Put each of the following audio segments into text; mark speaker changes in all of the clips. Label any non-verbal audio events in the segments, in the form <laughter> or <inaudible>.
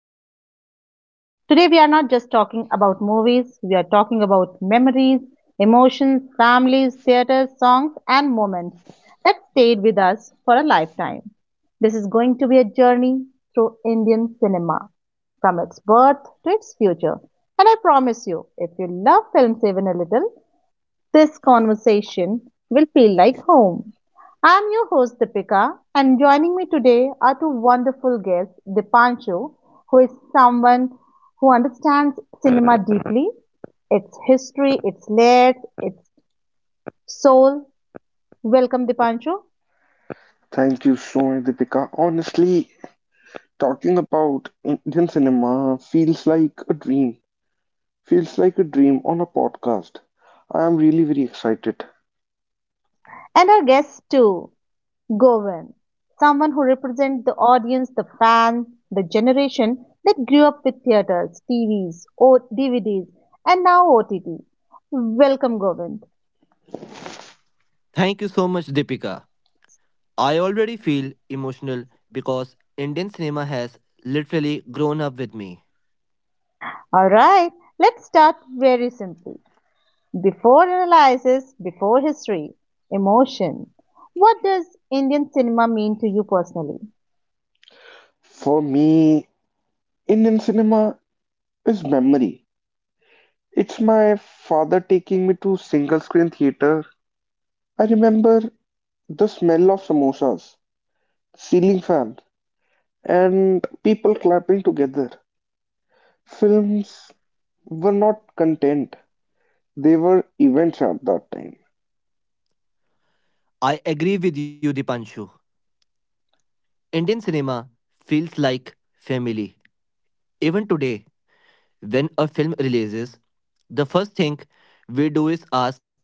Speaker 1: Indian cinema. Today we are not just talking about movies, we are talking about memories, emotions, families, theaters, songs, and moments that stayed with us for a lifetime. This is going to be a journey through Indian cinema, from its birth to its future. And I promise you, if you love films even a little, this conversation will feel like home. I'm your host Deepika, and joining me today are two wonderful guests, Dipanshu, who is someone who understands cinema deeply, its history, its layers, its soul. Welcome, Dipanshu.
Speaker 2: Thank you so much, Deepika. Honestly, talking about Indian cinema feels like a dream. Feels like a dream on a podcast. I am really very excited.
Speaker 1: And our guest too, Govind, someone who represents the audience, the fans, the generation that grew up with theaters, TVs, DVDs, and now OTT. Welcome, Govind.
Speaker 3: Thank you so much, Deepika. I already feel emotional because Indian cinema has literally grown up with me.
Speaker 1: Alright, let's start very simply. Before analysis, before history, emotion. What does Indian cinema mean to you personally?
Speaker 2: For me, Indian cinema is memory. It's my father taking me to single screen theater. I remember the smell of samosas, ceiling fan, and people clapping together. Films were not content. They were events at that time.
Speaker 3: I agree with you, Dipanshu. Indian cinema feels like family. Even today, when a film releases, the first thing we do is ask,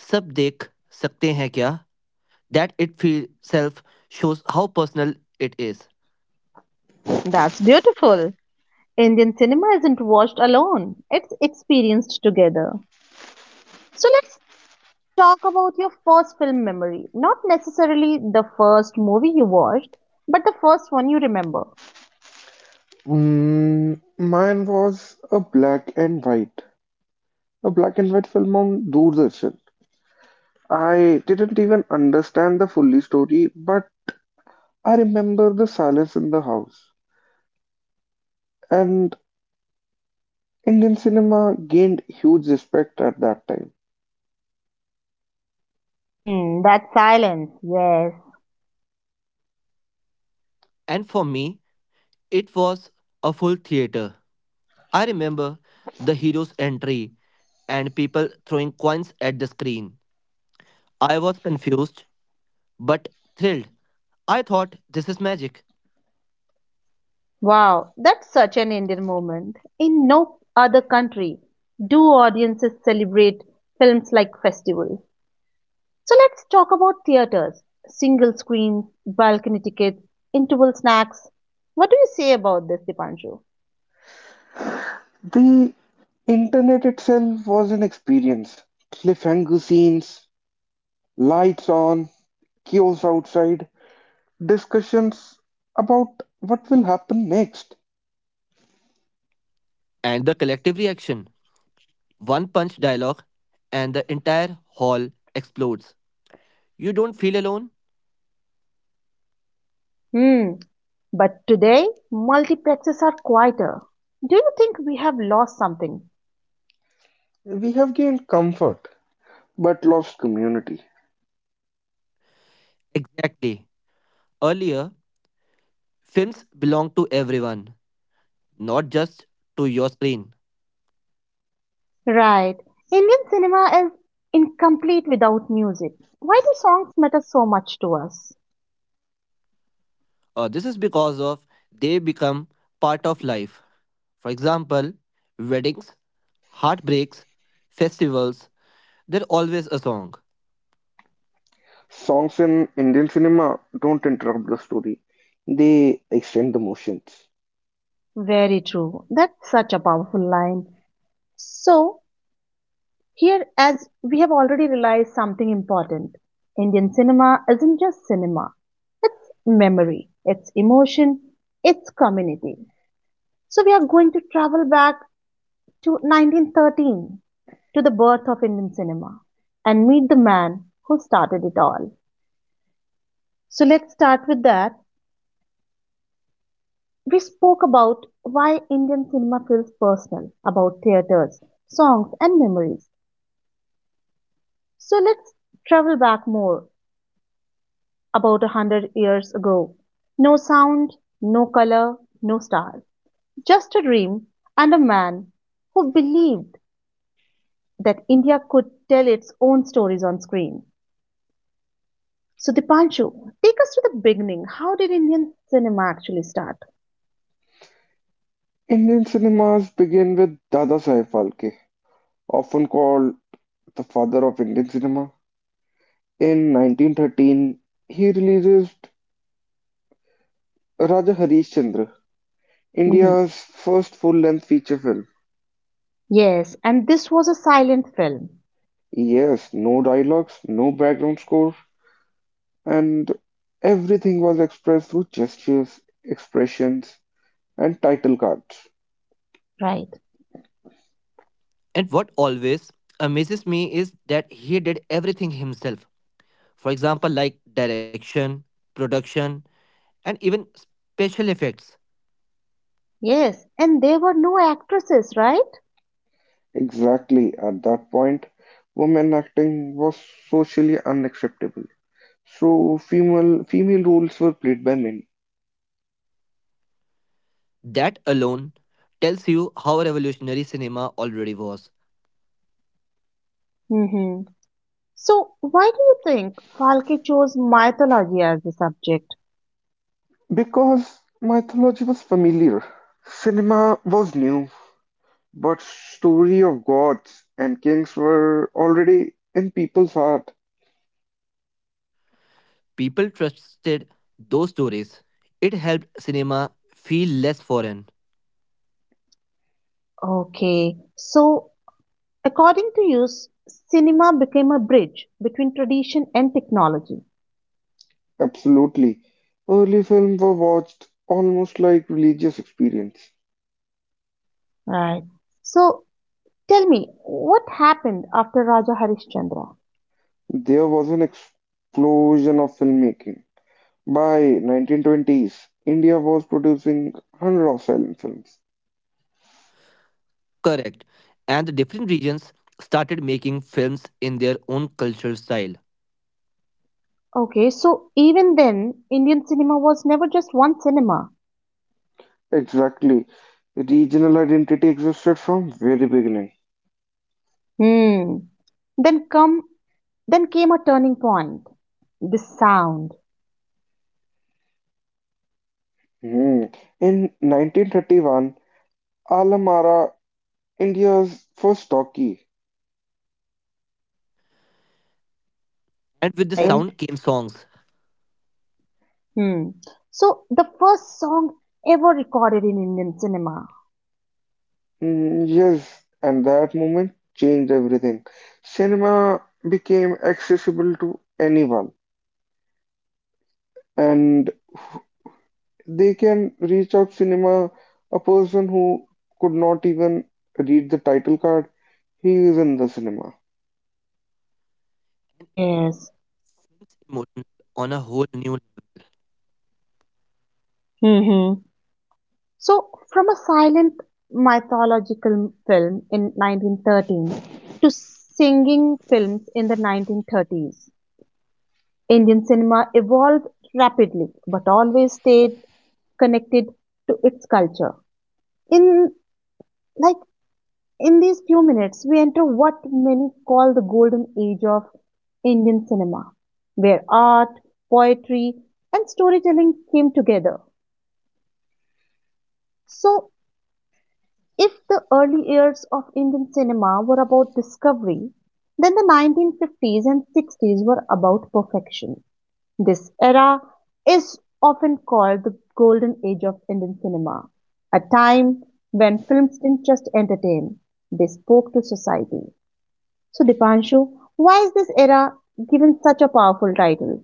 Speaker 3: "Sab dekh sakte hain kya?" That itself shows how personal it is.
Speaker 1: That's beautiful. Indian cinema isn't watched alone, it's experienced together. So let's talk about your first film memory. Not necessarily the first movie you watched, but the first one you remember.
Speaker 2: Mine was a black and white film on Doordarshan. I didn't even understand the fully story, but I remember the silence in the house. And Indian cinema gained huge respect at that time.
Speaker 1: Hmm, that silence, yes.
Speaker 3: And for me, it was a full theater. I remember the hero's entry and people throwing coins at the screen. I was confused but thrilled. I thought this is magic.
Speaker 1: Wow, that's such an Indian moment. In no other country do audiences celebrate films like festivals. So let's talk about theaters, single screens, balcony tickets, interval snacks. What do you say about this, Dipanshu?
Speaker 2: The internet itself was an experience. Cliffhanger scenes, lights on, chaos outside, discussions about what will happen next.
Speaker 3: And the collective reaction, one punch dialogue, and the entire hall explodes. You don't feel alone?
Speaker 1: Hmm, but today multiplexes are quieter. Do you think we have lost something?
Speaker 2: We have gained comfort but lost community.
Speaker 3: Exactly. Earlier, films belonged to everyone, not just to your screen.
Speaker 1: Right. Indian cinema is incomplete without music. Why do songs matter so much to us?
Speaker 3: This is because of they become part of life. For example, weddings, heartbreaks, festivals, there's always a song.
Speaker 2: Songs in Indian cinema don't interrupt the story, they extend the motions.
Speaker 1: Very true. That's such a powerful line. So, here, as we have already realized something important, Indian cinema isn't just cinema, it's memory, it's emotion, it's community. So, we are going to travel back to 1913 to the birth of Indian cinema and meet the man who started it all. So, let's start with that. We spoke about why Indian cinema feels personal, about theaters, songs, and memories. So let's travel back more, about 100 years ago. No sound, no color, no star, just a dream and a man who believed that India could tell its own stories on screen. So, Dipanshu, take us to the beginning. How did Indian cinema actually start?
Speaker 2: Indian cinemas begin with Dada Saheb Phalke, often called the father of Indian cinema. In 1913, he releases Raja Harishchandra,
Speaker 1: Hmm.
Speaker 2: India's first full length feature film.
Speaker 1: Yes, and this was a silent film.
Speaker 2: Yes, no dialogues, no background score, and everything was expressed through gestures, expressions, and title cards.
Speaker 1: Right.
Speaker 3: And what always amazes me is that he did everything himself. For example, like direction, production, and even special effects.
Speaker 1: Yes, and there were no actresses, right?
Speaker 2: Exactly. At that point, women acting was socially unacceptable. So female roles were played by men.
Speaker 3: That alone tells you how revolutionary cinema already was.
Speaker 1: Hmm. So, why do you think Falke chose mythology as the subject?
Speaker 2: Because mythology was familiar, cinema was new, but story of gods and kings were already in people's heart.
Speaker 3: People trusted those stories. It helped cinema feel less foreign.
Speaker 1: Okay, so according to you, cinema became a bridge between tradition and technology.
Speaker 2: Absolutely. Early films were watched almost like religious experience.
Speaker 1: Right. So tell me, what happened after Raja Harishchandra?
Speaker 2: There was an explosion of filmmaking. By 1920s, India was producing hundreds of silent films.
Speaker 3: Correct. And the different regions started making films in their own cultural style.
Speaker 1: Okay, so even then, Indian cinema was never just one cinema.
Speaker 2: Exactly. Regional identity existed from very beginning.
Speaker 1: Hmm. Then come, then came a turning point. The sound,
Speaker 2: Hmm. In 1931, Alamara, India's first talkie.
Speaker 3: And with the
Speaker 1: right?
Speaker 2: And,
Speaker 3: sound came songs.
Speaker 1: Hmm. So the first song ever recorded in Indian cinema.
Speaker 2: yes, and that moment changed everything. Cinema became accessible to anyone. And they can reach out cinema, a person who could not even read the title card, he is in the cinema.
Speaker 3: And it made
Speaker 1: Yes.
Speaker 3: films emotional on a whole new level.
Speaker 1: Hmm. So, from a silent mythological film in 1913 to singing films in the 1930s, Indian cinema evolved rapidly but always stayed connected to its culture. In like in these few minutes, we enter what many call the golden age of Indian cinema, where art, poetry, and storytelling came together. So, if the early years of Indian cinema were about discovery, then the 1950s and 60s were about perfection. This era is often called the golden age of Indian cinema, a time when films didn't just entertain, they spoke to society. So, Dipanshu, why is this era given such a powerful title?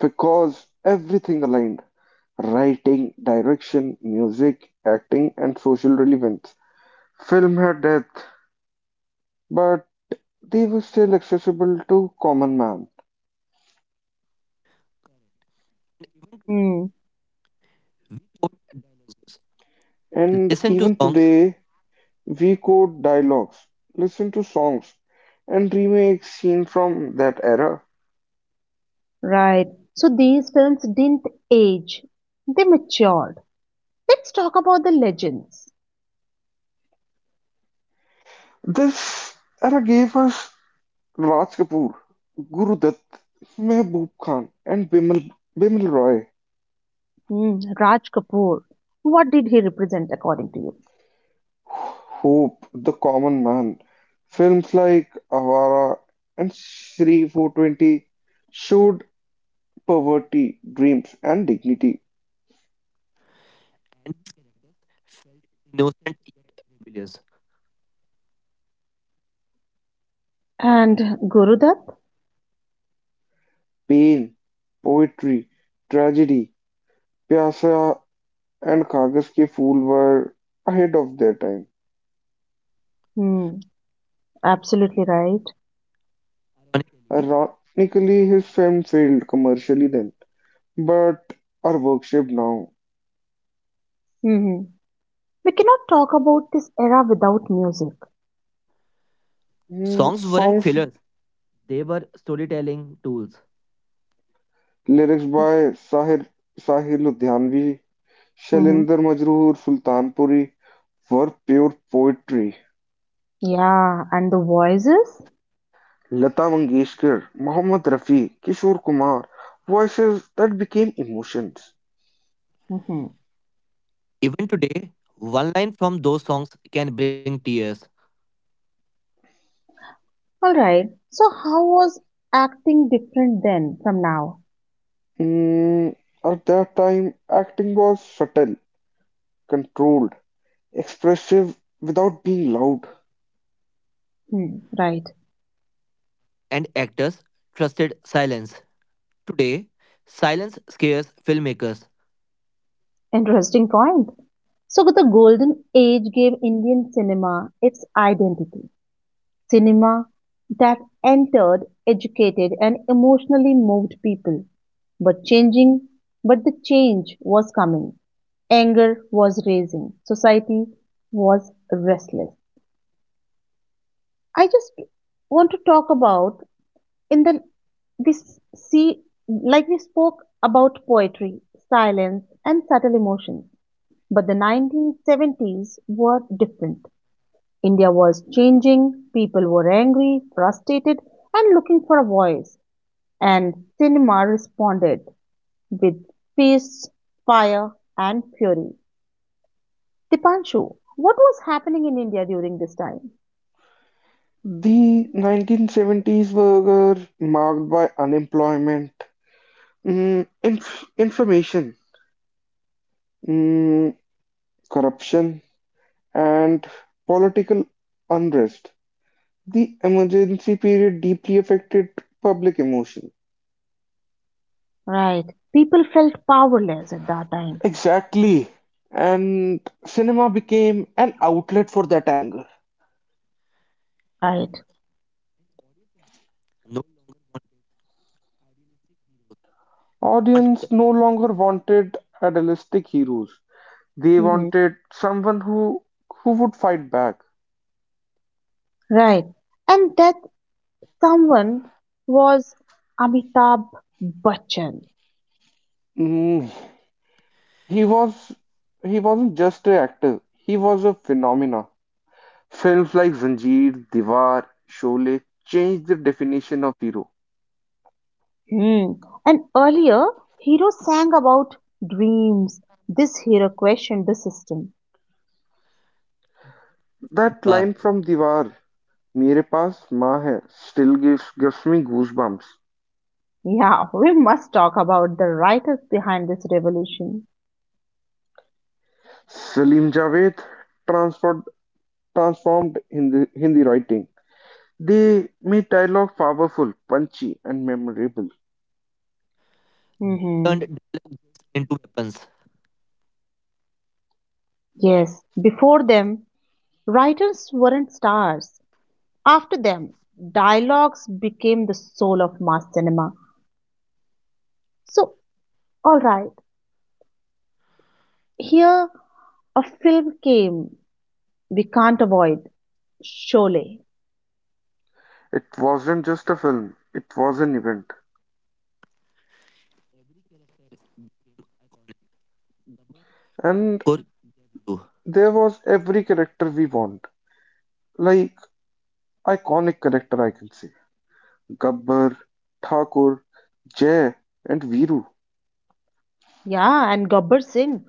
Speaker 2: Because everything aligned writing, direction, music, acting, and social relevance. Film had depth, but they were still accessible to common man.
Speaker 1: Hmm,
Speaker 3: People
Speaker 2: And
Speaker 3: listened to
Speaker 2: even
Speaker 3: songs
Speaker 2: today, we quote dialogues, listen to songs, and remake scenes from that era.
Speaker 1: right. So, these films didn't age, they matured. Let's talk about the legends.
Speaker 2: This era gave us Raj Kapoor, Guru Dutt, Mehboob Khan, and Bimal Roy.
Speaker 1: Hmm, Raj Kapoor. What did he represent according to you?
Speaker 2: Hope, the common man. Films like Avara and Shri 420 showed poverty, dreams, and dignity,
Speaker 3: and felt innocent rebellious.
Speaker 1: And Gurudat?
Speaker 2: pain, poetry, tragedy. Pyasa and Kagas Ke Phool were ahead of their time.
Speaker 1: Hmm, absolutely right.
Speaker 3: Ironically,
Speaker 2: Ironically, his film failed commercially then, but are worshipped now.
Speaker 1: Hmm. We cannot talk about this era without music.
Speaker 3: songs weren't
Speaker 2: Songs,
Speaker 3: fillers, they were storytelling tools.
Speaker 2: lyrics by Sahir Ludhianvi,
Speaker 1: Hmm.
Speaker 2: Shailender Majroor, Sultanpuri, were pure poetry.
Speaker 1: Yeah, and the voices?
Speaker 2: Lata Mangeshkar, Mohammad Rafi, Kishore Kumar, voices that became emotions.
Speaker 1: Hmm.
Speaker 3: Even today, one line from those songs can bring tears,
Speaker 1: All right. So, how was acting different then from now?
Speaker 2: Mm, at that time, acting was subtle, controlled, expressive without being loud.
Speaker 1: Hmm, right.
Speaker 3: and actors trusted silence. Today, silence scares filmmakers.
Speaker 1: Interesting point. So, the golden age gave Indian cinema its identity. Cinema that entered, educated, and emotionally moved people. But changing, but the change was coming. Anger was raising. Society was restless. I just want to talk about in the we see like we spoke about poetry, silence, and subtle emotions. But the 1970s were different. India was changing, people were angry, frustrated, and looking for a voice, and cinema responded with fists, fire, and fury. Dipanshu, what was happening in India during this time?
Speaker 2: The 1970s were marked by unemployment, inflammation, mm, corruption, and political unrest. The emergency period deeply affected public emotion.
Speaker 1: Right. People felt powerless at that time.
Speaker 2: Exactly. And cinema became an outlet for that anger.
Speaker 1: Right.
Speaker 3: No one wants
Speaker 2: Audience
Speaker 3: to
Speaker 2: no longer wanted idealistic heroes. They
Speaker 1: Mm-hmm.
Speaker 2: wanted someone who would fight back.
Speaker 1: Right. And that someone was Amitabh Bachchan.
Speaker 2: Mm, He was he wasn't just an actor. He was a phenomena. Films like Zanjeer, Diwar, Sholay changed the definition of hero.
Speaker 1: Hmm. And earlier, hero sang about dreams. This hero questioned the system.
Speaker 2: That line
Speaker 3: devour.
Speaker 2: from Diwar, "मेरे पास माँ है", still gives me goosebumps.
Speaker 1: Yeah, <laughs> we must talk about the writers behind this revolution.
Speaker 2: Salim Javed transformed transformed Hindi writing. They made dialogue powerful, punchy, and memorable.
Speaker 1: Hmm.
Speaker 3: Turned into weapons.
Speaker 1: Yes, before them, writers weren't stars. After them, dialogues became the soul of mass cinema. So, alright, here a film came we can't avoid Sholay.
Speaker 2: It wasn't just a film; it was an event, and
Speaker 3: Koryu.
Speaker 2: there was every character we want, like iconic character I can say: Gabbar, Thakur, Jay, and Viru.
Speaker 1: Yeah, and Gabbar Singh,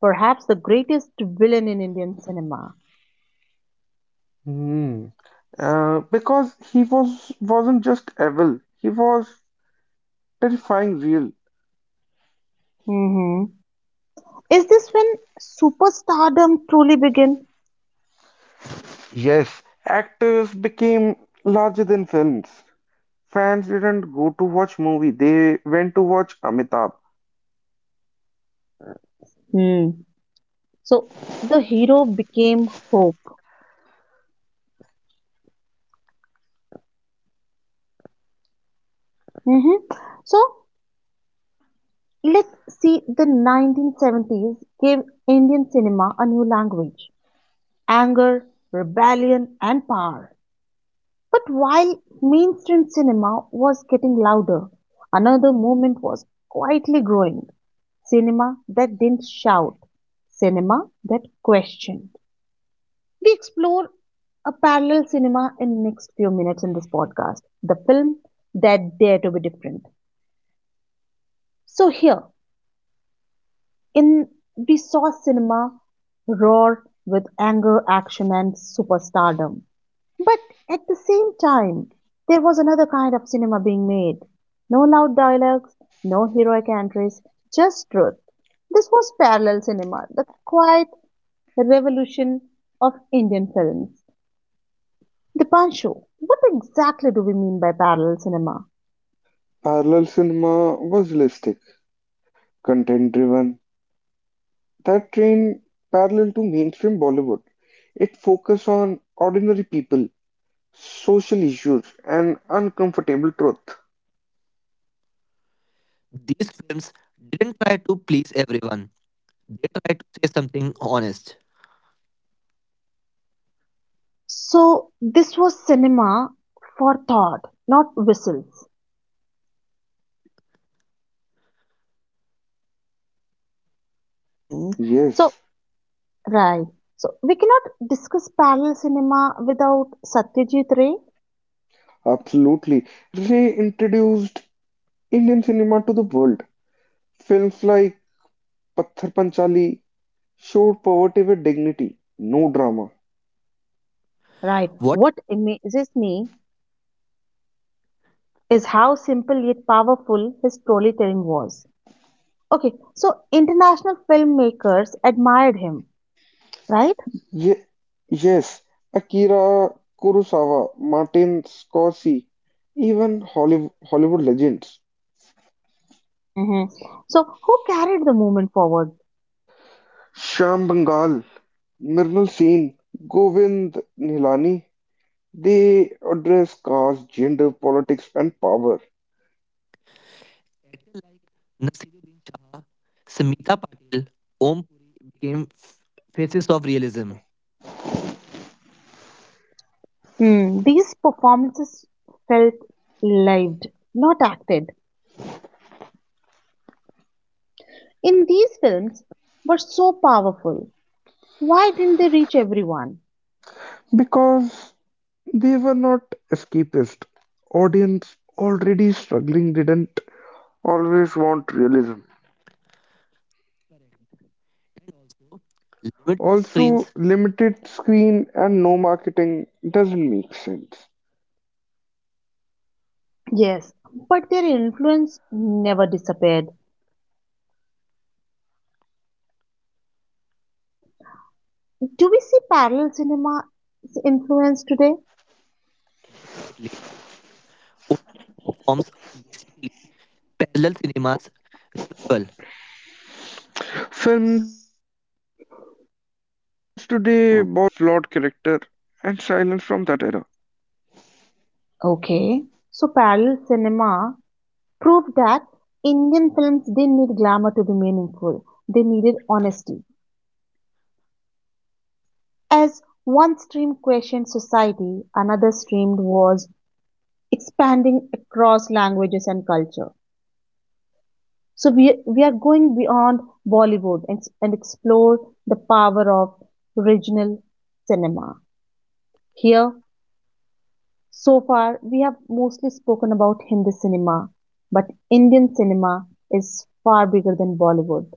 Speaker 1: perhaps the greatest villain in Indian cinema.
Speaker 2: Hmm. Because he wasn't just evil, he was terrifying real.
Speaker 1: Hmm. Is this when superstardom truly began?
Speaker 2: Yes, actors became larger than films. Fans didn't go to watch movie, they went to watch Amitabh.
Speaker 1: Hmm. So the hero became hope. Hmm. So let's see the 1970s gave Indian cinema a new language anger, rebellion, and power. But while mainstream cinema was getting louder, another movement was quietly growing. Cinema that didn't shout, cinema that questioned. We explore a parallel cinema in the next few minutes in this podcast, the film that dare to be different. So here, in we saw cinema roar with anger, action, and superstardom. But at the same time, there was another kind of cinema being made. No loud dialogues, no heroic entries, just truth. This was parallel cinema, the quiet revolution of Indian films. Dipanshu, what exactly do we mean by parallel cinema?
Speaker 2: Parallel cinema was realistic, content driven. That train parallel to mainstream Bollywood. It focused on ordinary people, social issues, and uncomfortable truth.
Speaker 3: These films didn't try to please everyone. They tried to say something honest.
Speaker 1: So, this was cinema for thought, not whistles. Hmm. So,
Speaker 2: Yes.
Speaker 1: right. So, we cannot discuss parallel cinema without Satyajit Ray.
Speaker 2: Absolutely. Reintroduced Indian cinema to the world. Films like Patthar Panchali showed poverty with dignity, no drama.
Speaker 1: Right.
Speaker 3: What
Speaker 1: What amazes me is how simple yet powerful his storytelling was. Okay, so international filmmakers admired him, right?
Speaker 2: Ye- yes, Akira Kurosawa, Martin Scorsese, even Hollywood legends.
Speaker 1: Hmm. So who carried the movement forward?
Speaker 2: Shyam Bengal, Mrinal Sen, Govind Nilani, they address caste, gender, politics, and power
Speaker 3: characters like Nasiruddin Shah, Samita Patil, Om Puri became faces of realism.
Speaker 1: Hmm. These performances felt lived, not acted. In these films were so powerful. Why didn't they reach everyone?
Speaker 2: because they were not escapist. Audience already struggling didn't always want realism.
Speaker 3: And also, limited
Speaker 2: Also,
Speaker 3: screens
Speaker 2: limited screen and no marketing doesn't make sense.
Speaker 1: Yes, but their influence never disappeared. So, do we see parallel cinema's influence today?
Speaker 3: definitely. OTT platforms are basically parallel cinemas revival.
Speaker 2: Films today borrow realism, flawed character, and silence from that era.
Speaker 1: Okay. So parallel cinema proved that Indian films didn't need glamour to be meaningful. They needed honesty. As one stream questioned society, another stream was expanding across languages and culture. So we are going beyond Bollywood and explore the power of regional cinema. Here, so far, we have mostly spoken about Hindi cinema, but Indian cinema is far bigger than Bollywood.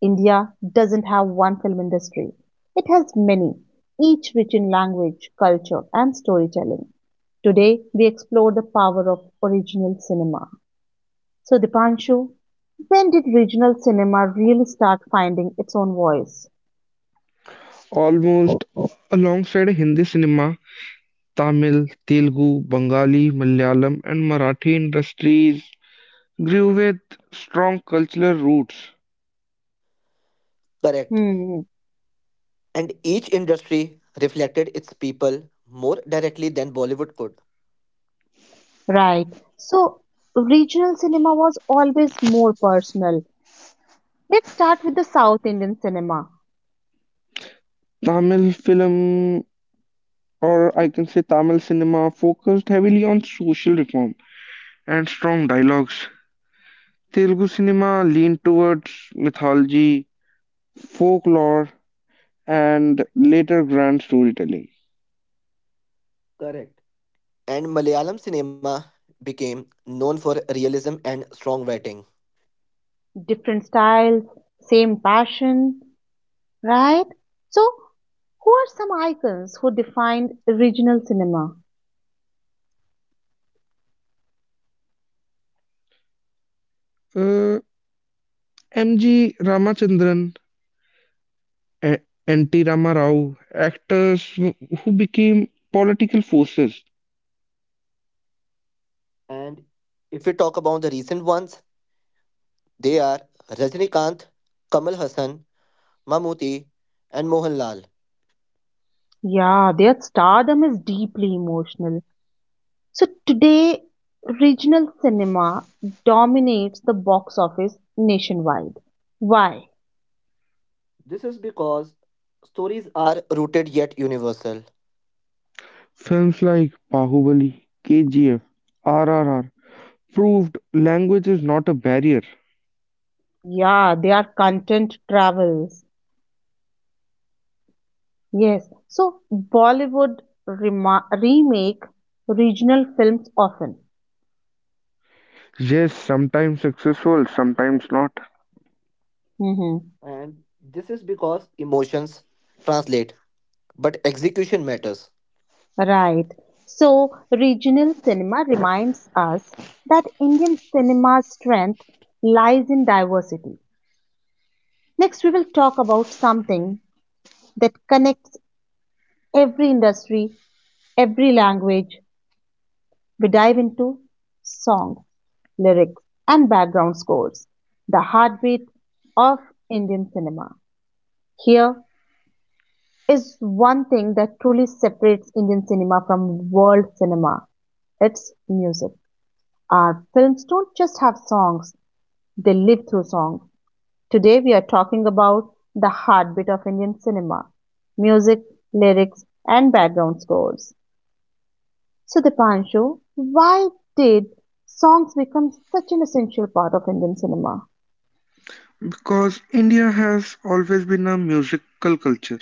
Speaker 1: India doesn't have one film industry, it has many, each rich in language, culture, and storytelling. Today, we explore the power of original cinema. So, Dipanshu, when did regional cinema really start finding its own voice?
Speaker 2: Almost alongside Hindi cinema, Tamil, Telugu, Bengali, Malayalam, and Marathi industries grew with strong cultural roots.
Speaker 3: Correct.
Speaker 1: Hmm,
Speaker 3: And each industry reflected its people more directly than Bollywood could.
Speaker 1: right. So, regional cinema was always more personal. Let's start with the South Indian cinema.
Speaker 2: Tamil film or I can say Tamil cinema focused heavily on social reform and strong dialogues. Telugu cinema leaned towards mythology, folklore, and later grand storytelling.
Speaker 3: Correct. And Malayalam cinema became known for realism and strong writing.
Speaker 1: Different styles, same passion, right? So, who are some icons who defined regional cinema?
Speaker 2: Uh, M.G. Ramachandran a- and T Rama Rao, actors who became political forces.
Speaker 3: And if we talk about the recent ones, they are Rajnikant, Kamal Hassan, Mammootty, and Mohanlal.
Speaker 1: Yeah, their stardom is deeply emotional. So, today, regional cinema dominates the box office nationwide. Why?
Speaker 3: This is because stories are rooted yet universal,
Speaker 2: Films like Bahubali, KGF, RRR proved language is not a barrier.
Speaker 1: Yeah, they are content travels. Yes, so Bollywood remake regional films often.
Speaker 2: Yes, sometimes successful, sometimes not.
Speaker 1: Hmm.
Speaker 3: and this is because emotions translate, but execution matters.
Speaker 1: Right. So, regional cinema reminds us that Indian cinema's strength lies in diversity. Next, we will talk about something that connects every industry, every language. We dive into song, lyrics, and background scores, the heartbeat of Indian cinema. Here is one thing that truly separates Indian cinema from world cinema it's music. Our films don't just have songs, they live through songs. Today we are talking about the heartbeat of Indian cinema music, lyrics, and background scores. So, Dipanshu, why did songs become such an essential part of Indian cinema?
Speaker 2: Because India has always been a musical culture,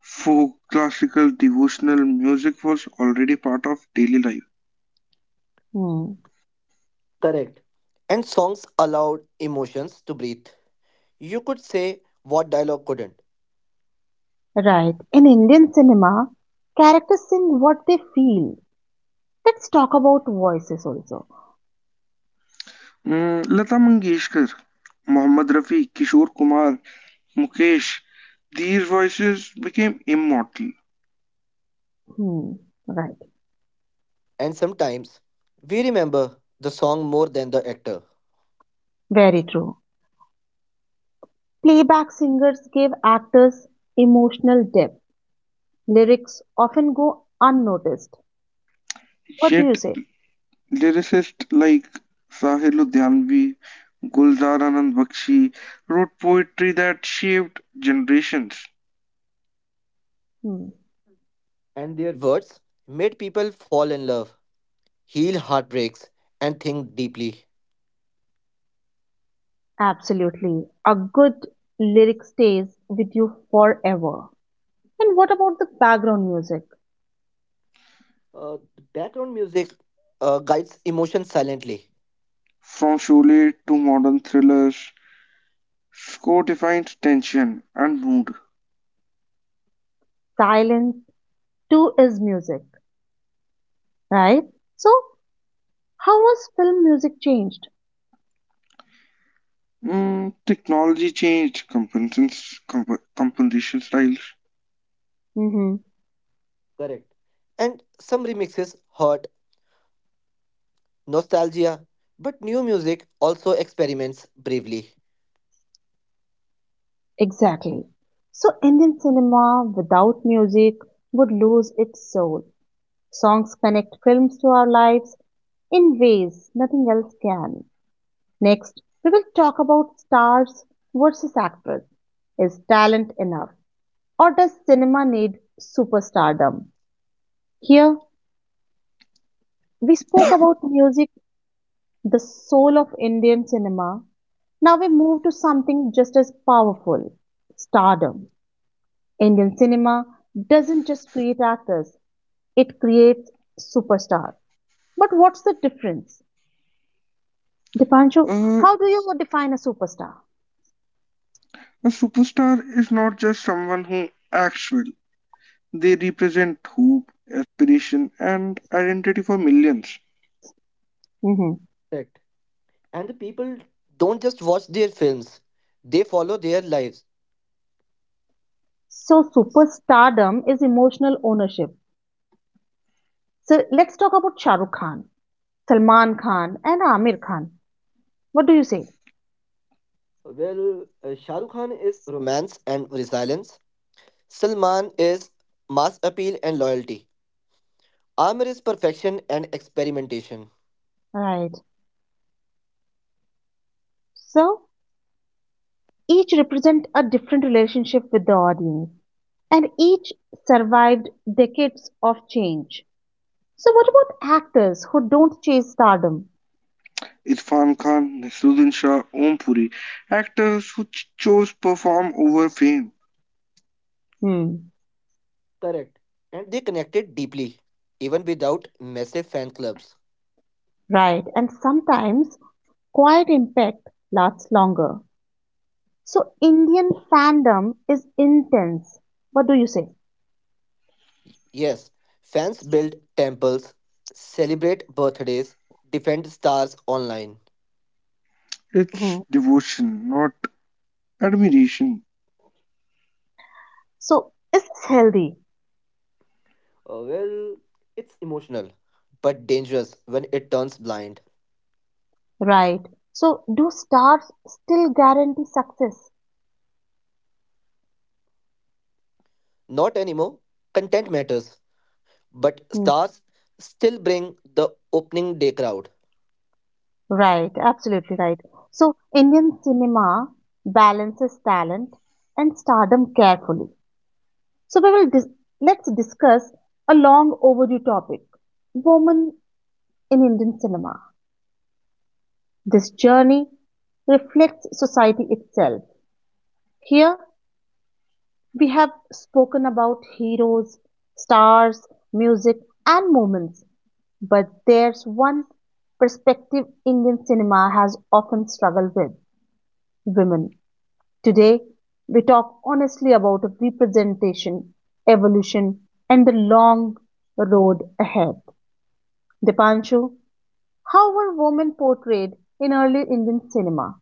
Speaker 2: folk, classical, devotional music was already part of daily life.
Speaker 1: Hmm,
Speaker 3: Correct. And songs allowed emotions to breathe. You could say what dialogue couldn't.
Speaker 1: right. In Indian cinema, characters sing what they feel. Let's talk about voices also.
Speaker 2: Lata Mangeshkar, Mohammed Rafi, Kishore Kumar, Mukesh, these voices became immortal.
Speaker 1: Hmm. Right.
Speaker 3: And sometimes we remember the song more than the actor.
Speaker 1: Very true. Playback singers gave actors emotional depth. Lyrics often go unnoticed. What do you
Speaker 2: Yet
Speaker 1: say?
Speaker 2: lyricists like Sahil Ludhianvi, Gulzar Anand Bakshi wrote poetry that shaped generations.
Speaker 1: Hmm,
Speaker 3: And their words made people fall in love, heal heartbreaks, and think deeply.
Speaker 1: absolutely. A good lyric stays with you forever. And what about the background music?
Speaker 3: Uh, Background music guides emotion silently.
Speaker 2: From Sholay to modern thrillers, score defines tension and mood.
Speaker 1: Silence too is music, right? So, how was film music changed?
Speaker 2: Technology changed composition styles.
Speaker 1: Hmm.
Speaker 3: Correct. And some remixes hurt, nostalgia, but new music also experiments bravely.
Speaker 1: Exactly. So, Indian cinema without music would lose its soul. Songs connect films to our lives in ways nothing else can. Next, we will talk about stars versus actors. Is talent enough? Or does cinema need superstardom? Here, we spoke about music, the soul of Indian cinema. Now we move to something just as powerful stardom. Indian cinema doesn't just create actors, it creates superstars. But what's the difference? Dipanshu,
Speaker 2: Uh,
Speaker 1: how do you define a superstar?
Speaker 2: a superstar is not just someone who acts well. They represent hope, aspiration, and identity for millions.
Speaker 1: Mhm.
Speaker 3: Correct. And the people don't just watch their films, they follow their lives.
Speaker 1: So, superstardom is emotional ownership. So let's talk about Shah Rukh Khan, Salman Khan, and Amir Khan. What do you say?
Speaker 3: Well, Shah Rukh Khan is romance and resilience. Salman is mass appeal and loyalty. Amir is perfection and experimentation.
Speaker 1: Right. So each represent a different relationship with the audience, and each survived decades of change. So what about actors who don't chase stardom?
Speaker 2: Irfan Khan, Nasruddin Shah, Om Puri, actors who chose perform over fame.
Speaker 1: Hmm.
Speaker 3: Correct. And they connected deeply, even without massive fan clubs.
Speaker 1: Right. And sometimes quiet impact lasts longer. So Indian fandom is intense. What do you say?
Speaker 3: Yes, fans build temples, celebrate birthdays, defend stars online.
Speaker 1: Hmm.
Speaker 2: It's devotion, not admiration.
Speaker 1: So is this healthy?
Speaker 3: Well, it's emotional, but dangerous when it turns blind.
Speaker 1: Right. So, do stars still guarantee success?
Speaker 3: Not anymore. Content matters, but
Speaker 1: Hmm.
Speaker 3: stars still bring the opening day crowd.
Speaker 1: Right, absolutely right. So, Indian cinema balances talent and stardom carefully. So, let's discuss a long overdue topic women in Indian cinema. This journey reflects society itself. Here, we have spoken about heroes, stars, music, and moments. But there's one perspective Indian cinema has often struggled with women. Today, we talk honestly about representation, evolution, and the long road ahead. Dipanshu, how were women portrayed in early Indian cinema?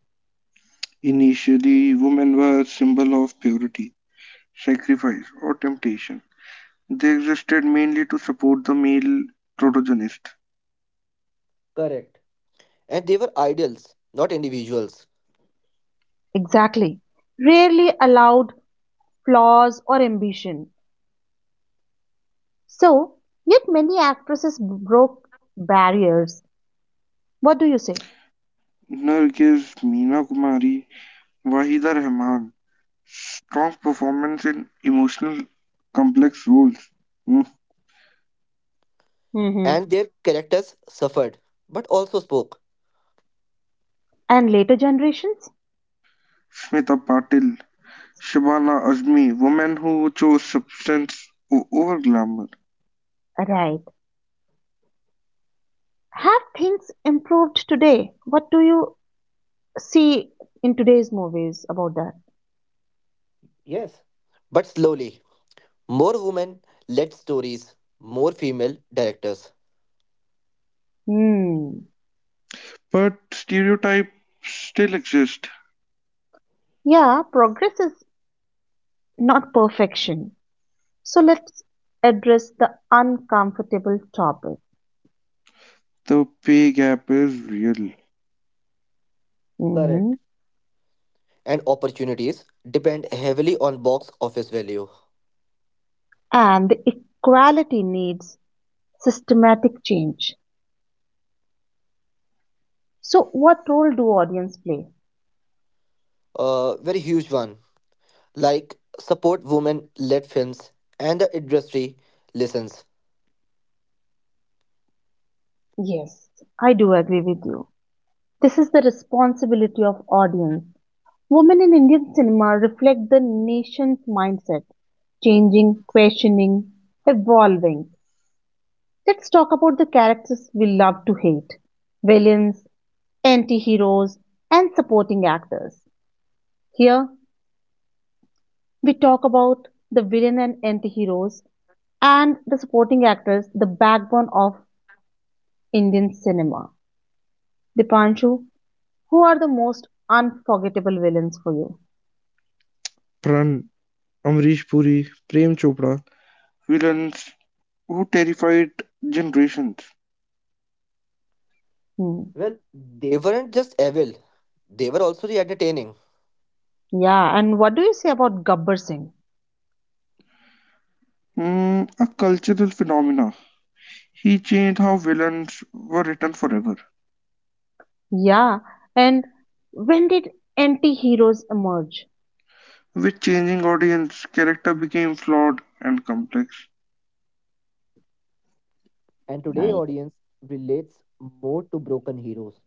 Speaker 2: Initially, women were a symbol of purity. Sacrifice, or temptation, they existed mainly to support the male protagonist.
Speaker 3: Correct. And they were idols, not individuals.
Speaker 1: Exactly. Rarely allowed flaws or ambition. So, yet many actresses broke barriers. What do you say?
Speaker 2: Nargiz, Meena Kumari, Wahida Rehman. Strong performance in emotional, complex roles. Hmm.
Speaker 3: And
Speaker 1: Hmm.
Speaker 3: their characters suffered, but also spoke.
Speaker 1: And later generations?
Speaker 2: Smita Patil, Shabana Azmi, women who chose substance over glamour.
Speaker 1: Right. Have things improved today? What do you see in today's movies about that?
Speaker 3: Yes. But slowly, more women led stories, more female directors.
Speaker 1: Hmm.
Speaker 2: But stereotypes still exist.
Speaker 1: Yeah, progress is not perfection. So let's address the uncomfortable topic.
Speaker 2: The pay gap is real.
Speaker 1: Hmm.
Speaker 3: Correct. And opportunities depend heavily on box office value.
Speaker 1: And the equality needs systematic change. So, what role do audience play?
Speaker 3: A very huge one. Like support women led films, and the industry listens.
Speaker 1: Yes, I do agree with you. This is the responsibility of audience. Women in Indian cinema reflect the nation's mindset, changing, questioning, evolving. Let's talk about the characters we love to hate, villains, anti heroes, and supporting actors. Here, we talk about the villain and anti heroes and the supporting actors, the backbone of Indian cinema. Dipanshu, who are the most unforgettable villains for you?
Speaker 2: Pran, Amrish Puri, Prem Chopra, villains who terrified generations.
Speaker 1: Hmm.
Speaker 3: Well, they weren't just evil, they were also the entertaining.
Speaker 1: Yeah, and what do you say about Gabbar Singh?
Speaker 2: A cultural phenomena. He changed how villains were written forever.
Speaker 1: Yeah, and when did anti-heroes emerge?
Speaker 2: With changing audience, character became flawed and complex.
Speaker 3: And today
Speaker 1: Right.
Speaker 3: audience relates more to broken heroes.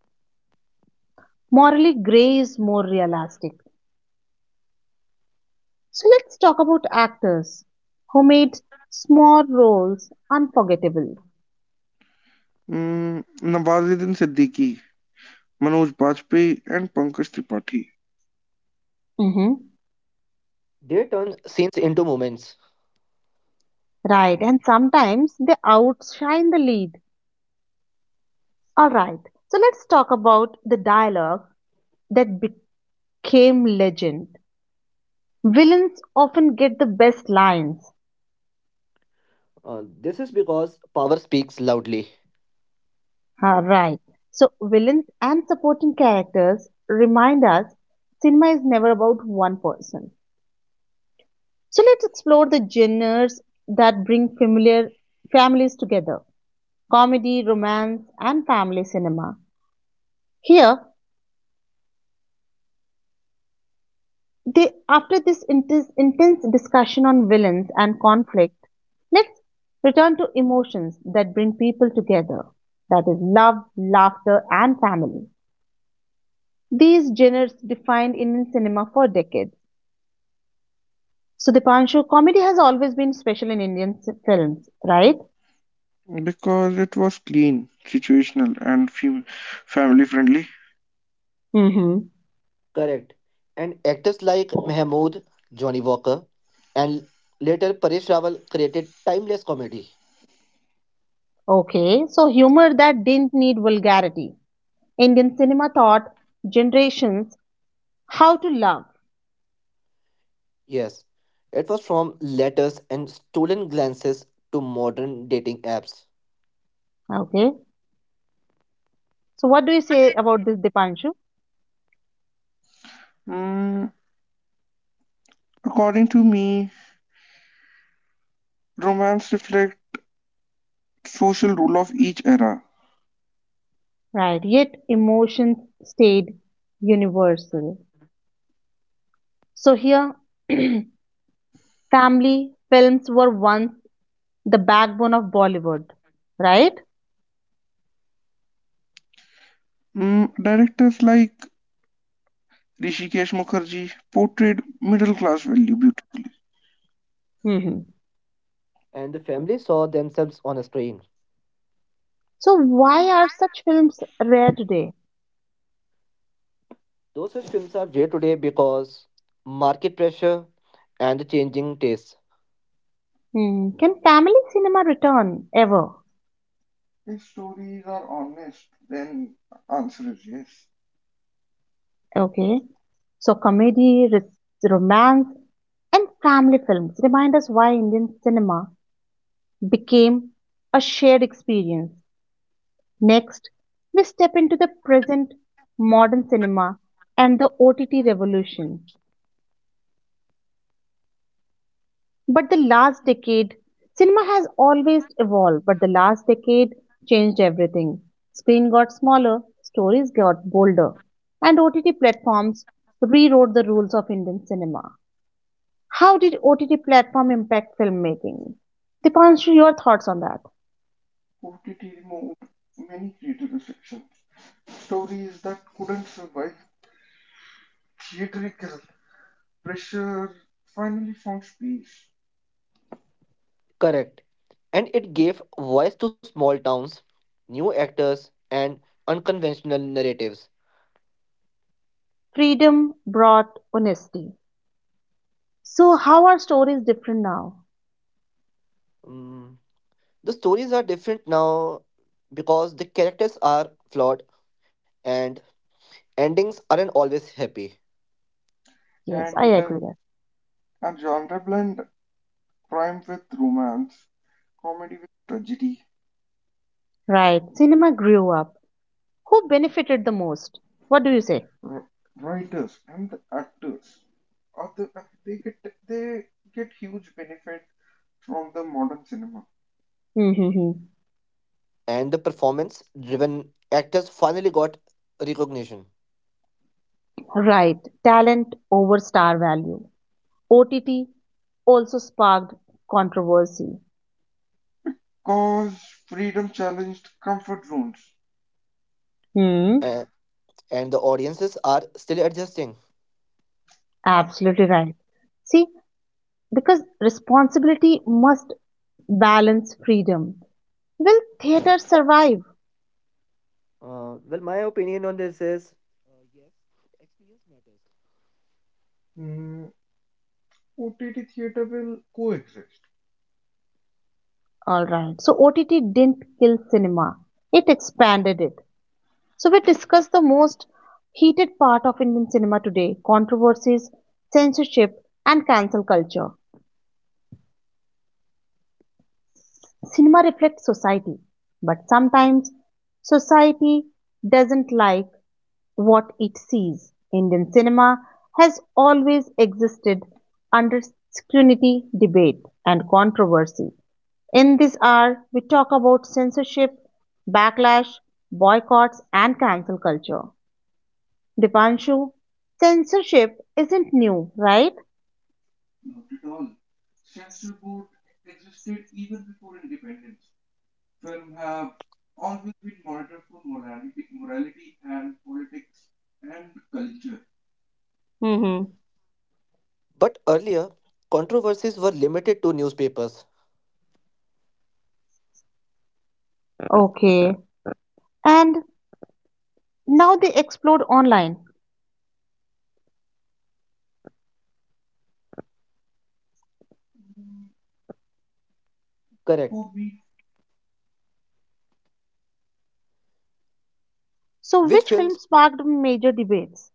Speaker 1: Morally gray is more realistic. So let's talk about actors who made small roles unforgettable.
Speaker 2: Nawazuddin Siddiqui, Manoj Bajpayee, and Pankaj Tripathi.
Speaker 1: Hmm.
Speaker 3: They turn scenes into moments.
Speaker 1: Right, and sometimes they outshine the lead. All right, so let's talk about the dialogue that became legend. Villains often get the best lines.
Speaker 3: This is because power speaks loudly.
Speaker 1: Ah, right. So, villains and supporting characters remind us cinema is never about one person. So, let's explore the genres that bring familiar families together, comedy, romance, and family cinema. Here, after this intense, intense discussion on villains and conflict, let's return to emotions that bring people together, that is, love, laughter, and family. These genres defined Indian cinema for decades. So, Dipanshu, comedy has always been special in Indian films, right?
Speaker 2: Because it was clean, situational, and family friendly.
Speaker 1: Mm-hmm.
Speaker 3: Correct. And actors like Mahmood, Johnny Walker, and later Paresh Rawal created timeless comedy.
Speaker 1: Okay, so humor that didn't need vulgarity. Indian cinema taught generations how to love.
Speaker 3: Yes, it was from letters and stolen glances to modern dating apps.
Speaker 1: Okay, so what do you say about this, Dipanshu?
Speaker 2: Mm, according to me, romance reflects social rule of each era.
Speaker 1: Right, yet emotions stayed universal. So here, <clears throat> family films were once the backbone of Bollywood, right?
Speaker 2: Directors like Rishikesh Mukherjee portrayed middle class value beauty.
Speaker 1: Mm-hmm.
Speaker 3: And the family saw themselves on a screen.
Speaker 1: So why are such films rare today?
Speaker 3: Those such films are rare today because market pressure and the changing tastes.
Speaker 1: Hmm. Can family cinema return ever?
Speaker 2: His stories are honest, then answer is yes.
Speaker 1: Okay. So comedy, romance, and family films remind us why Indian cinema became a shared experience. Next, we step into the present, modern cinema and the OTT revolution. But the last decade, Cinema has always evolved, but the last decade changed everything. Screen got smaller, stories got bolder, and OTT platforms rewrote the rules of Indian cinema. How did OTT platform impact filmmaking? Dipanshu, your thoughts on that?
Speaker 2: OTT moved many creative restrictions. Stories that couldn't survive theatrical pressure finally found space.
Speaker 3: Correct. And it gave voice to small towns, new actors, and unconventional narratives.
Speaker 1: Freedom brought honesty. So how are stories different now?
Speaker 3: Mm, the stories are different now because the characters are flawed and endings aren't always happy.
Speaker 1: Yes, I
Speaker 2: And
Speaker 1: agree that.
Speaker 2: a genre blend, crime with romance, comedy with tragedy,
Speaker 1: Right. Cinema grew up. Who benefited the most? What do you say?
Speaker 2: writers and the actors are the, they get they get huge benefit from the modern cinema.
Speaker 1: Mm-hmm.
Speaker 3: And the performance driven actors finally got recognition.
Speaker 1: Right, talent over star value. OTT also sparked controversy.
Speaker 2: Cause freedom challenged comfort zones.
Speaker 1: Hmm.
Speaker 3: And, and the audiences are still adjusting.
Speaker 1: Absolutely right. See, because responsibility must balance freedom. Will theater survive?
Speaker 3: Well, my opinion on this is
Speaker 2: mm, OTT theater will coexist.
Speaker 1: All right. So OTT didn't kill cinema. It expanded it. So we discussed the most heated part of Indian cinema today, controversies, censorship, and cancel culture. Cinema reflects society, but sometimes society doesn't like what it sees. Indian cinema has always existed under scrutiny, debate, and controversy. In this hour, we talk about censorship, backlash, boycotts, and cancel culture. Dipanshu, censorship isn't new, right?
Speaker 2: Not at all, censor board existed even before independence. Film have always been monitored for morality and politics and culture
Speaker 1: Mm-hmm.
Speaker 3: but earlier, controversies were limited to newspapers.
Speaker 1: Okay. And now they explode online.
Speaker 3: Correct.
Speaker 2: for me.
Speaker 1: So,
Speaker 3: Which
Speaker 1: which film
Speaker 3: films,
Speaker 1: sparked major debates?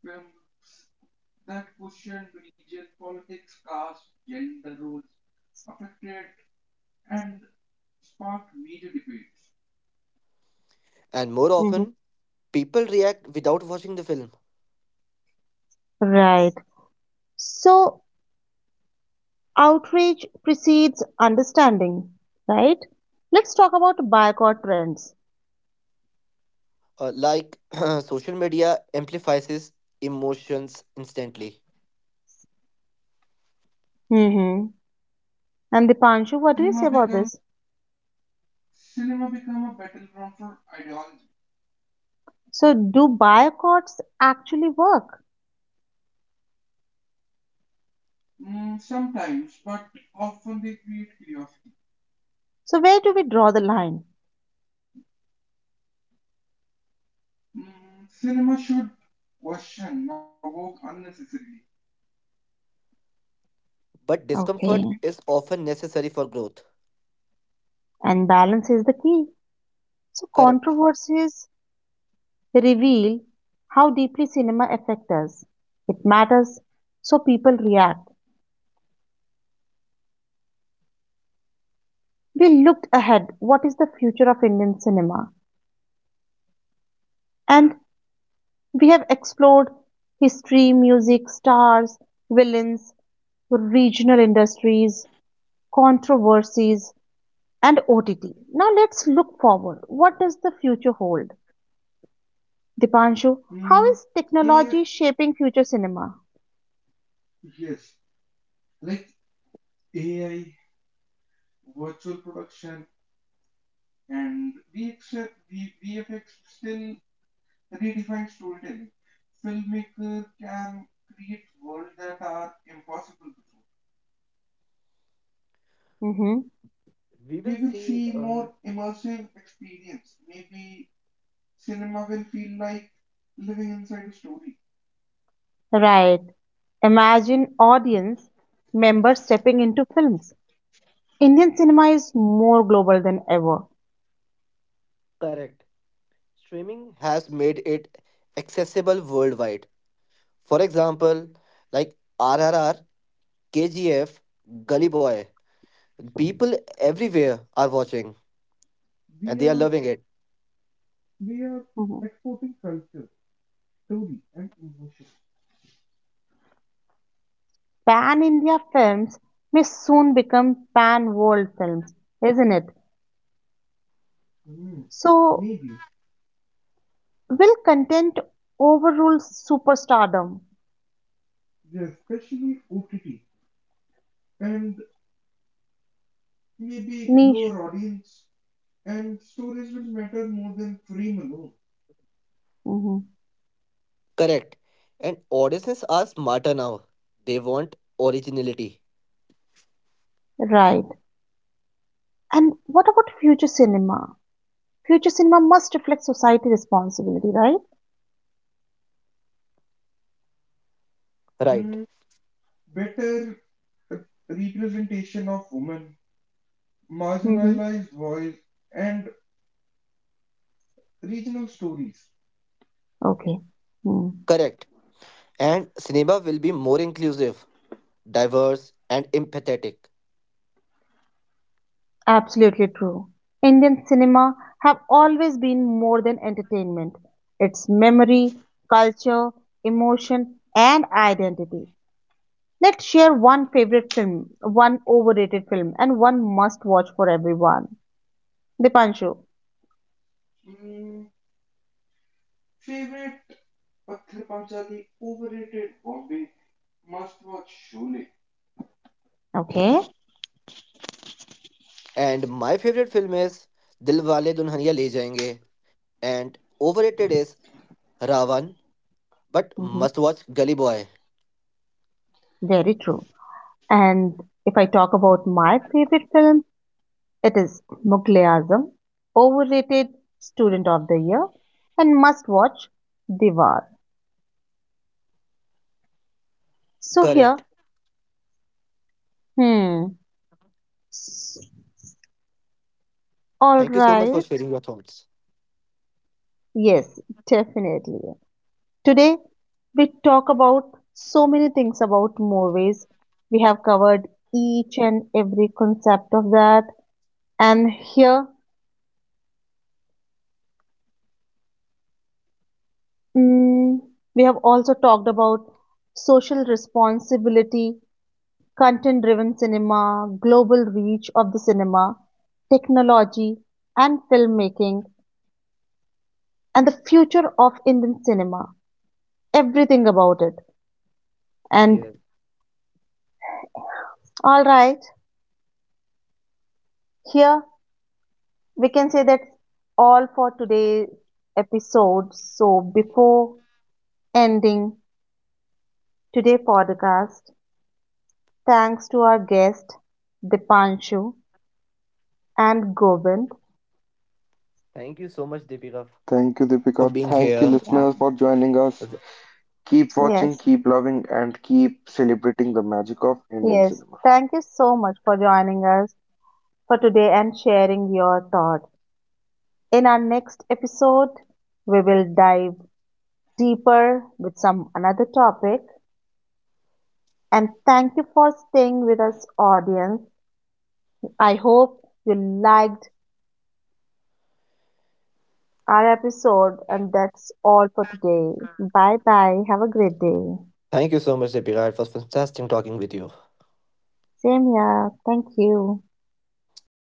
Speaker 2: Films that question religion, politics, caste, gender roles, affected and sparked major debates.
Speaker 3: and more
Speaker 1: Hmm.
Speaker 3: often, people react without watching the film.
Speaker 1: Right. So, outrage precedes understanding, right? Let's talk about boycott trends.
Speaker 3: Like <clears throat> social media amplifies his emotions instantly.
Speaker 1: Hmm. And Dipanshu, what do you
Speaker 2: Cinema
Speaker 1: say about
Speaker 2: become
Speaker 1: this?
Speaker 2: cinema become a battleground for ideology.
Speaker 1: So, do boycotts actually work?
Speaker 2: Sometimes, but often they create curiosity.
Speaker 1: So, where do we draw the line?
Speaker 2: Cinema should question, not provoke unnecessarily.
Speaker 3: But
Speaker 1: Okay.
Speaker 3: discomfort is often necessary for growth.
Speaker 1: And balance is the key. So,
Speaker 3: Correct.
Speaker 1: controversies reveal how deeply cinema affects us. It matters, so people react. We looked ahead, what is the future of Indian cinema? And we have explored history, music, stars, villains, regional industries, controversies, and OTT. Now let's look forward. What does the future hold? Dipanshu, how
Speaker 2: Mm,
Speaker 1: is
Speaker 2: AI,
Speaker 1: technology shaping future cinema?
Speaker 2: yes, like AI, virtual production, and VFX still redefines storytelling. Filmmaker can create worlds that are impossible before.
Speaker 1: Hmm.
Speaker 3: We
Speaker 2: We
Speaker 3: will
Speaker 2: will
Speaker 3: see.
Speaker 2: see more immersive experience. Maybe cinema will feel like living inside a story.
Speaker 1: Right. Imagine audience members stepping into films. Indian cinema is more global than ever.
Speaker 3: Correct. Streaming has made it accessible worldwide. For example, like RRR, KGF, Gully Boy. People everywhere are watching and
Speaker 2: We
Speaker 3: they are
Speaker 2: are
Speaker 3: loving it.
Speaker 2: we are
Speaker 1: Mhm.
Speaker 2: exporting culture, story, and emotion.
Speaker 1: Pan India films may soon become pan world films, isn't it?
Speaker 2: Hmm.
Speaker 1: So,
Speaker 2: Maybe,
Speaker 1: will content overrule superstardom?
Speaker 2: yeah, especially OTT. And maybe
Speaker 1: Niche.
Speaker 2: your audience and stories will matter more than frame alone.
Speaker 1: Hmm.
Speaker 3: Correct. And audiences are smarter now. They want originality.
Speaker 1: Right. And what about future cinema? Future cinema must reflect society responsibility, right?
Speaker 3: Right.
Speaker 2: Hmm. Better representation of women,
Speaker 1: Hmm.
Speaker 2: marginalized voice, and regional stories.
Speaker 1: Okay. Hmm.
Speaker 3: Correct. And cinema will be more inclusive, diverse, and empathetic.
Speaker 1: Absolutely true. Indian cinema have always been more than entertainment. It's memory, culture, emotion, and identity. Let's share one favorite film, one overrated film, and one must watch for everyone. Dipanshu.
Speaker 2: Mm, favorite Patthar Panchali, overrated Bombay, must watch Sholay.
Speaker 1: Okay.
Speaker 3: And my favorite film is Dilwale Dunhania Le Jayenge. And overrated is Ravan, but
Speaker 1: Hmm.
Speaker 3: must watch Gully Boy.
Speaker 1: Very true. And if I talk about my favorite film, it is Mughal e Azam, overrated Student of the Year, and must watch Diwar. So
Speaker 3: Correct.
Speaker 1: here, hmm. All
Speaker 3: Thank you so much for
Speaker 1: right.
Speaker 3: sharing your thoughts.
Speaker 1: Yes, definitely. Today, we talk about so many things about movies. We have covered each and every concept of that. And here, mm, we have also talked about social responsibility, content driven cinema, global reach of the cinema, technology, and filmmaking, and the future of Indian cinema. Everything about it. And
Speaker 3: Yeah,
Speaker 1: all right, here we can say that's all for today's episode. So, before ending today's podcast, thanks to our guest Dipanshu and Govind.
Speaker 3: thank you so much, Deepika,
Speaker 2: Thank you,
Speaker 3: for
Speaker 2: Deepika.
Speaker 3: being
Speaker 2: Thank you,
Speaker 3: here.
Speaker 1: Yeah.
Speaker 2: listeners, for joining us. Keep watching,
Speaker 1: Yes.
Speaker 2: keep loving, and keep celebrating the magic of Indian
Speaker 1: Yes.
Speaker 2: cinema.
Speaker 1: Thank you so much for joining us for today and sharing your thoughts. In our next episode, we will dive deeper with some another topic. And thank you for staying with us, audience. I hope you liked our episode, and that's all for today. Bye bye. Have a great day.
Speaker 3: Thank you so much, Deepika. It was fantastic talking with you.
Speaker 1: Same here. Thank you.
Speaker 3: Bye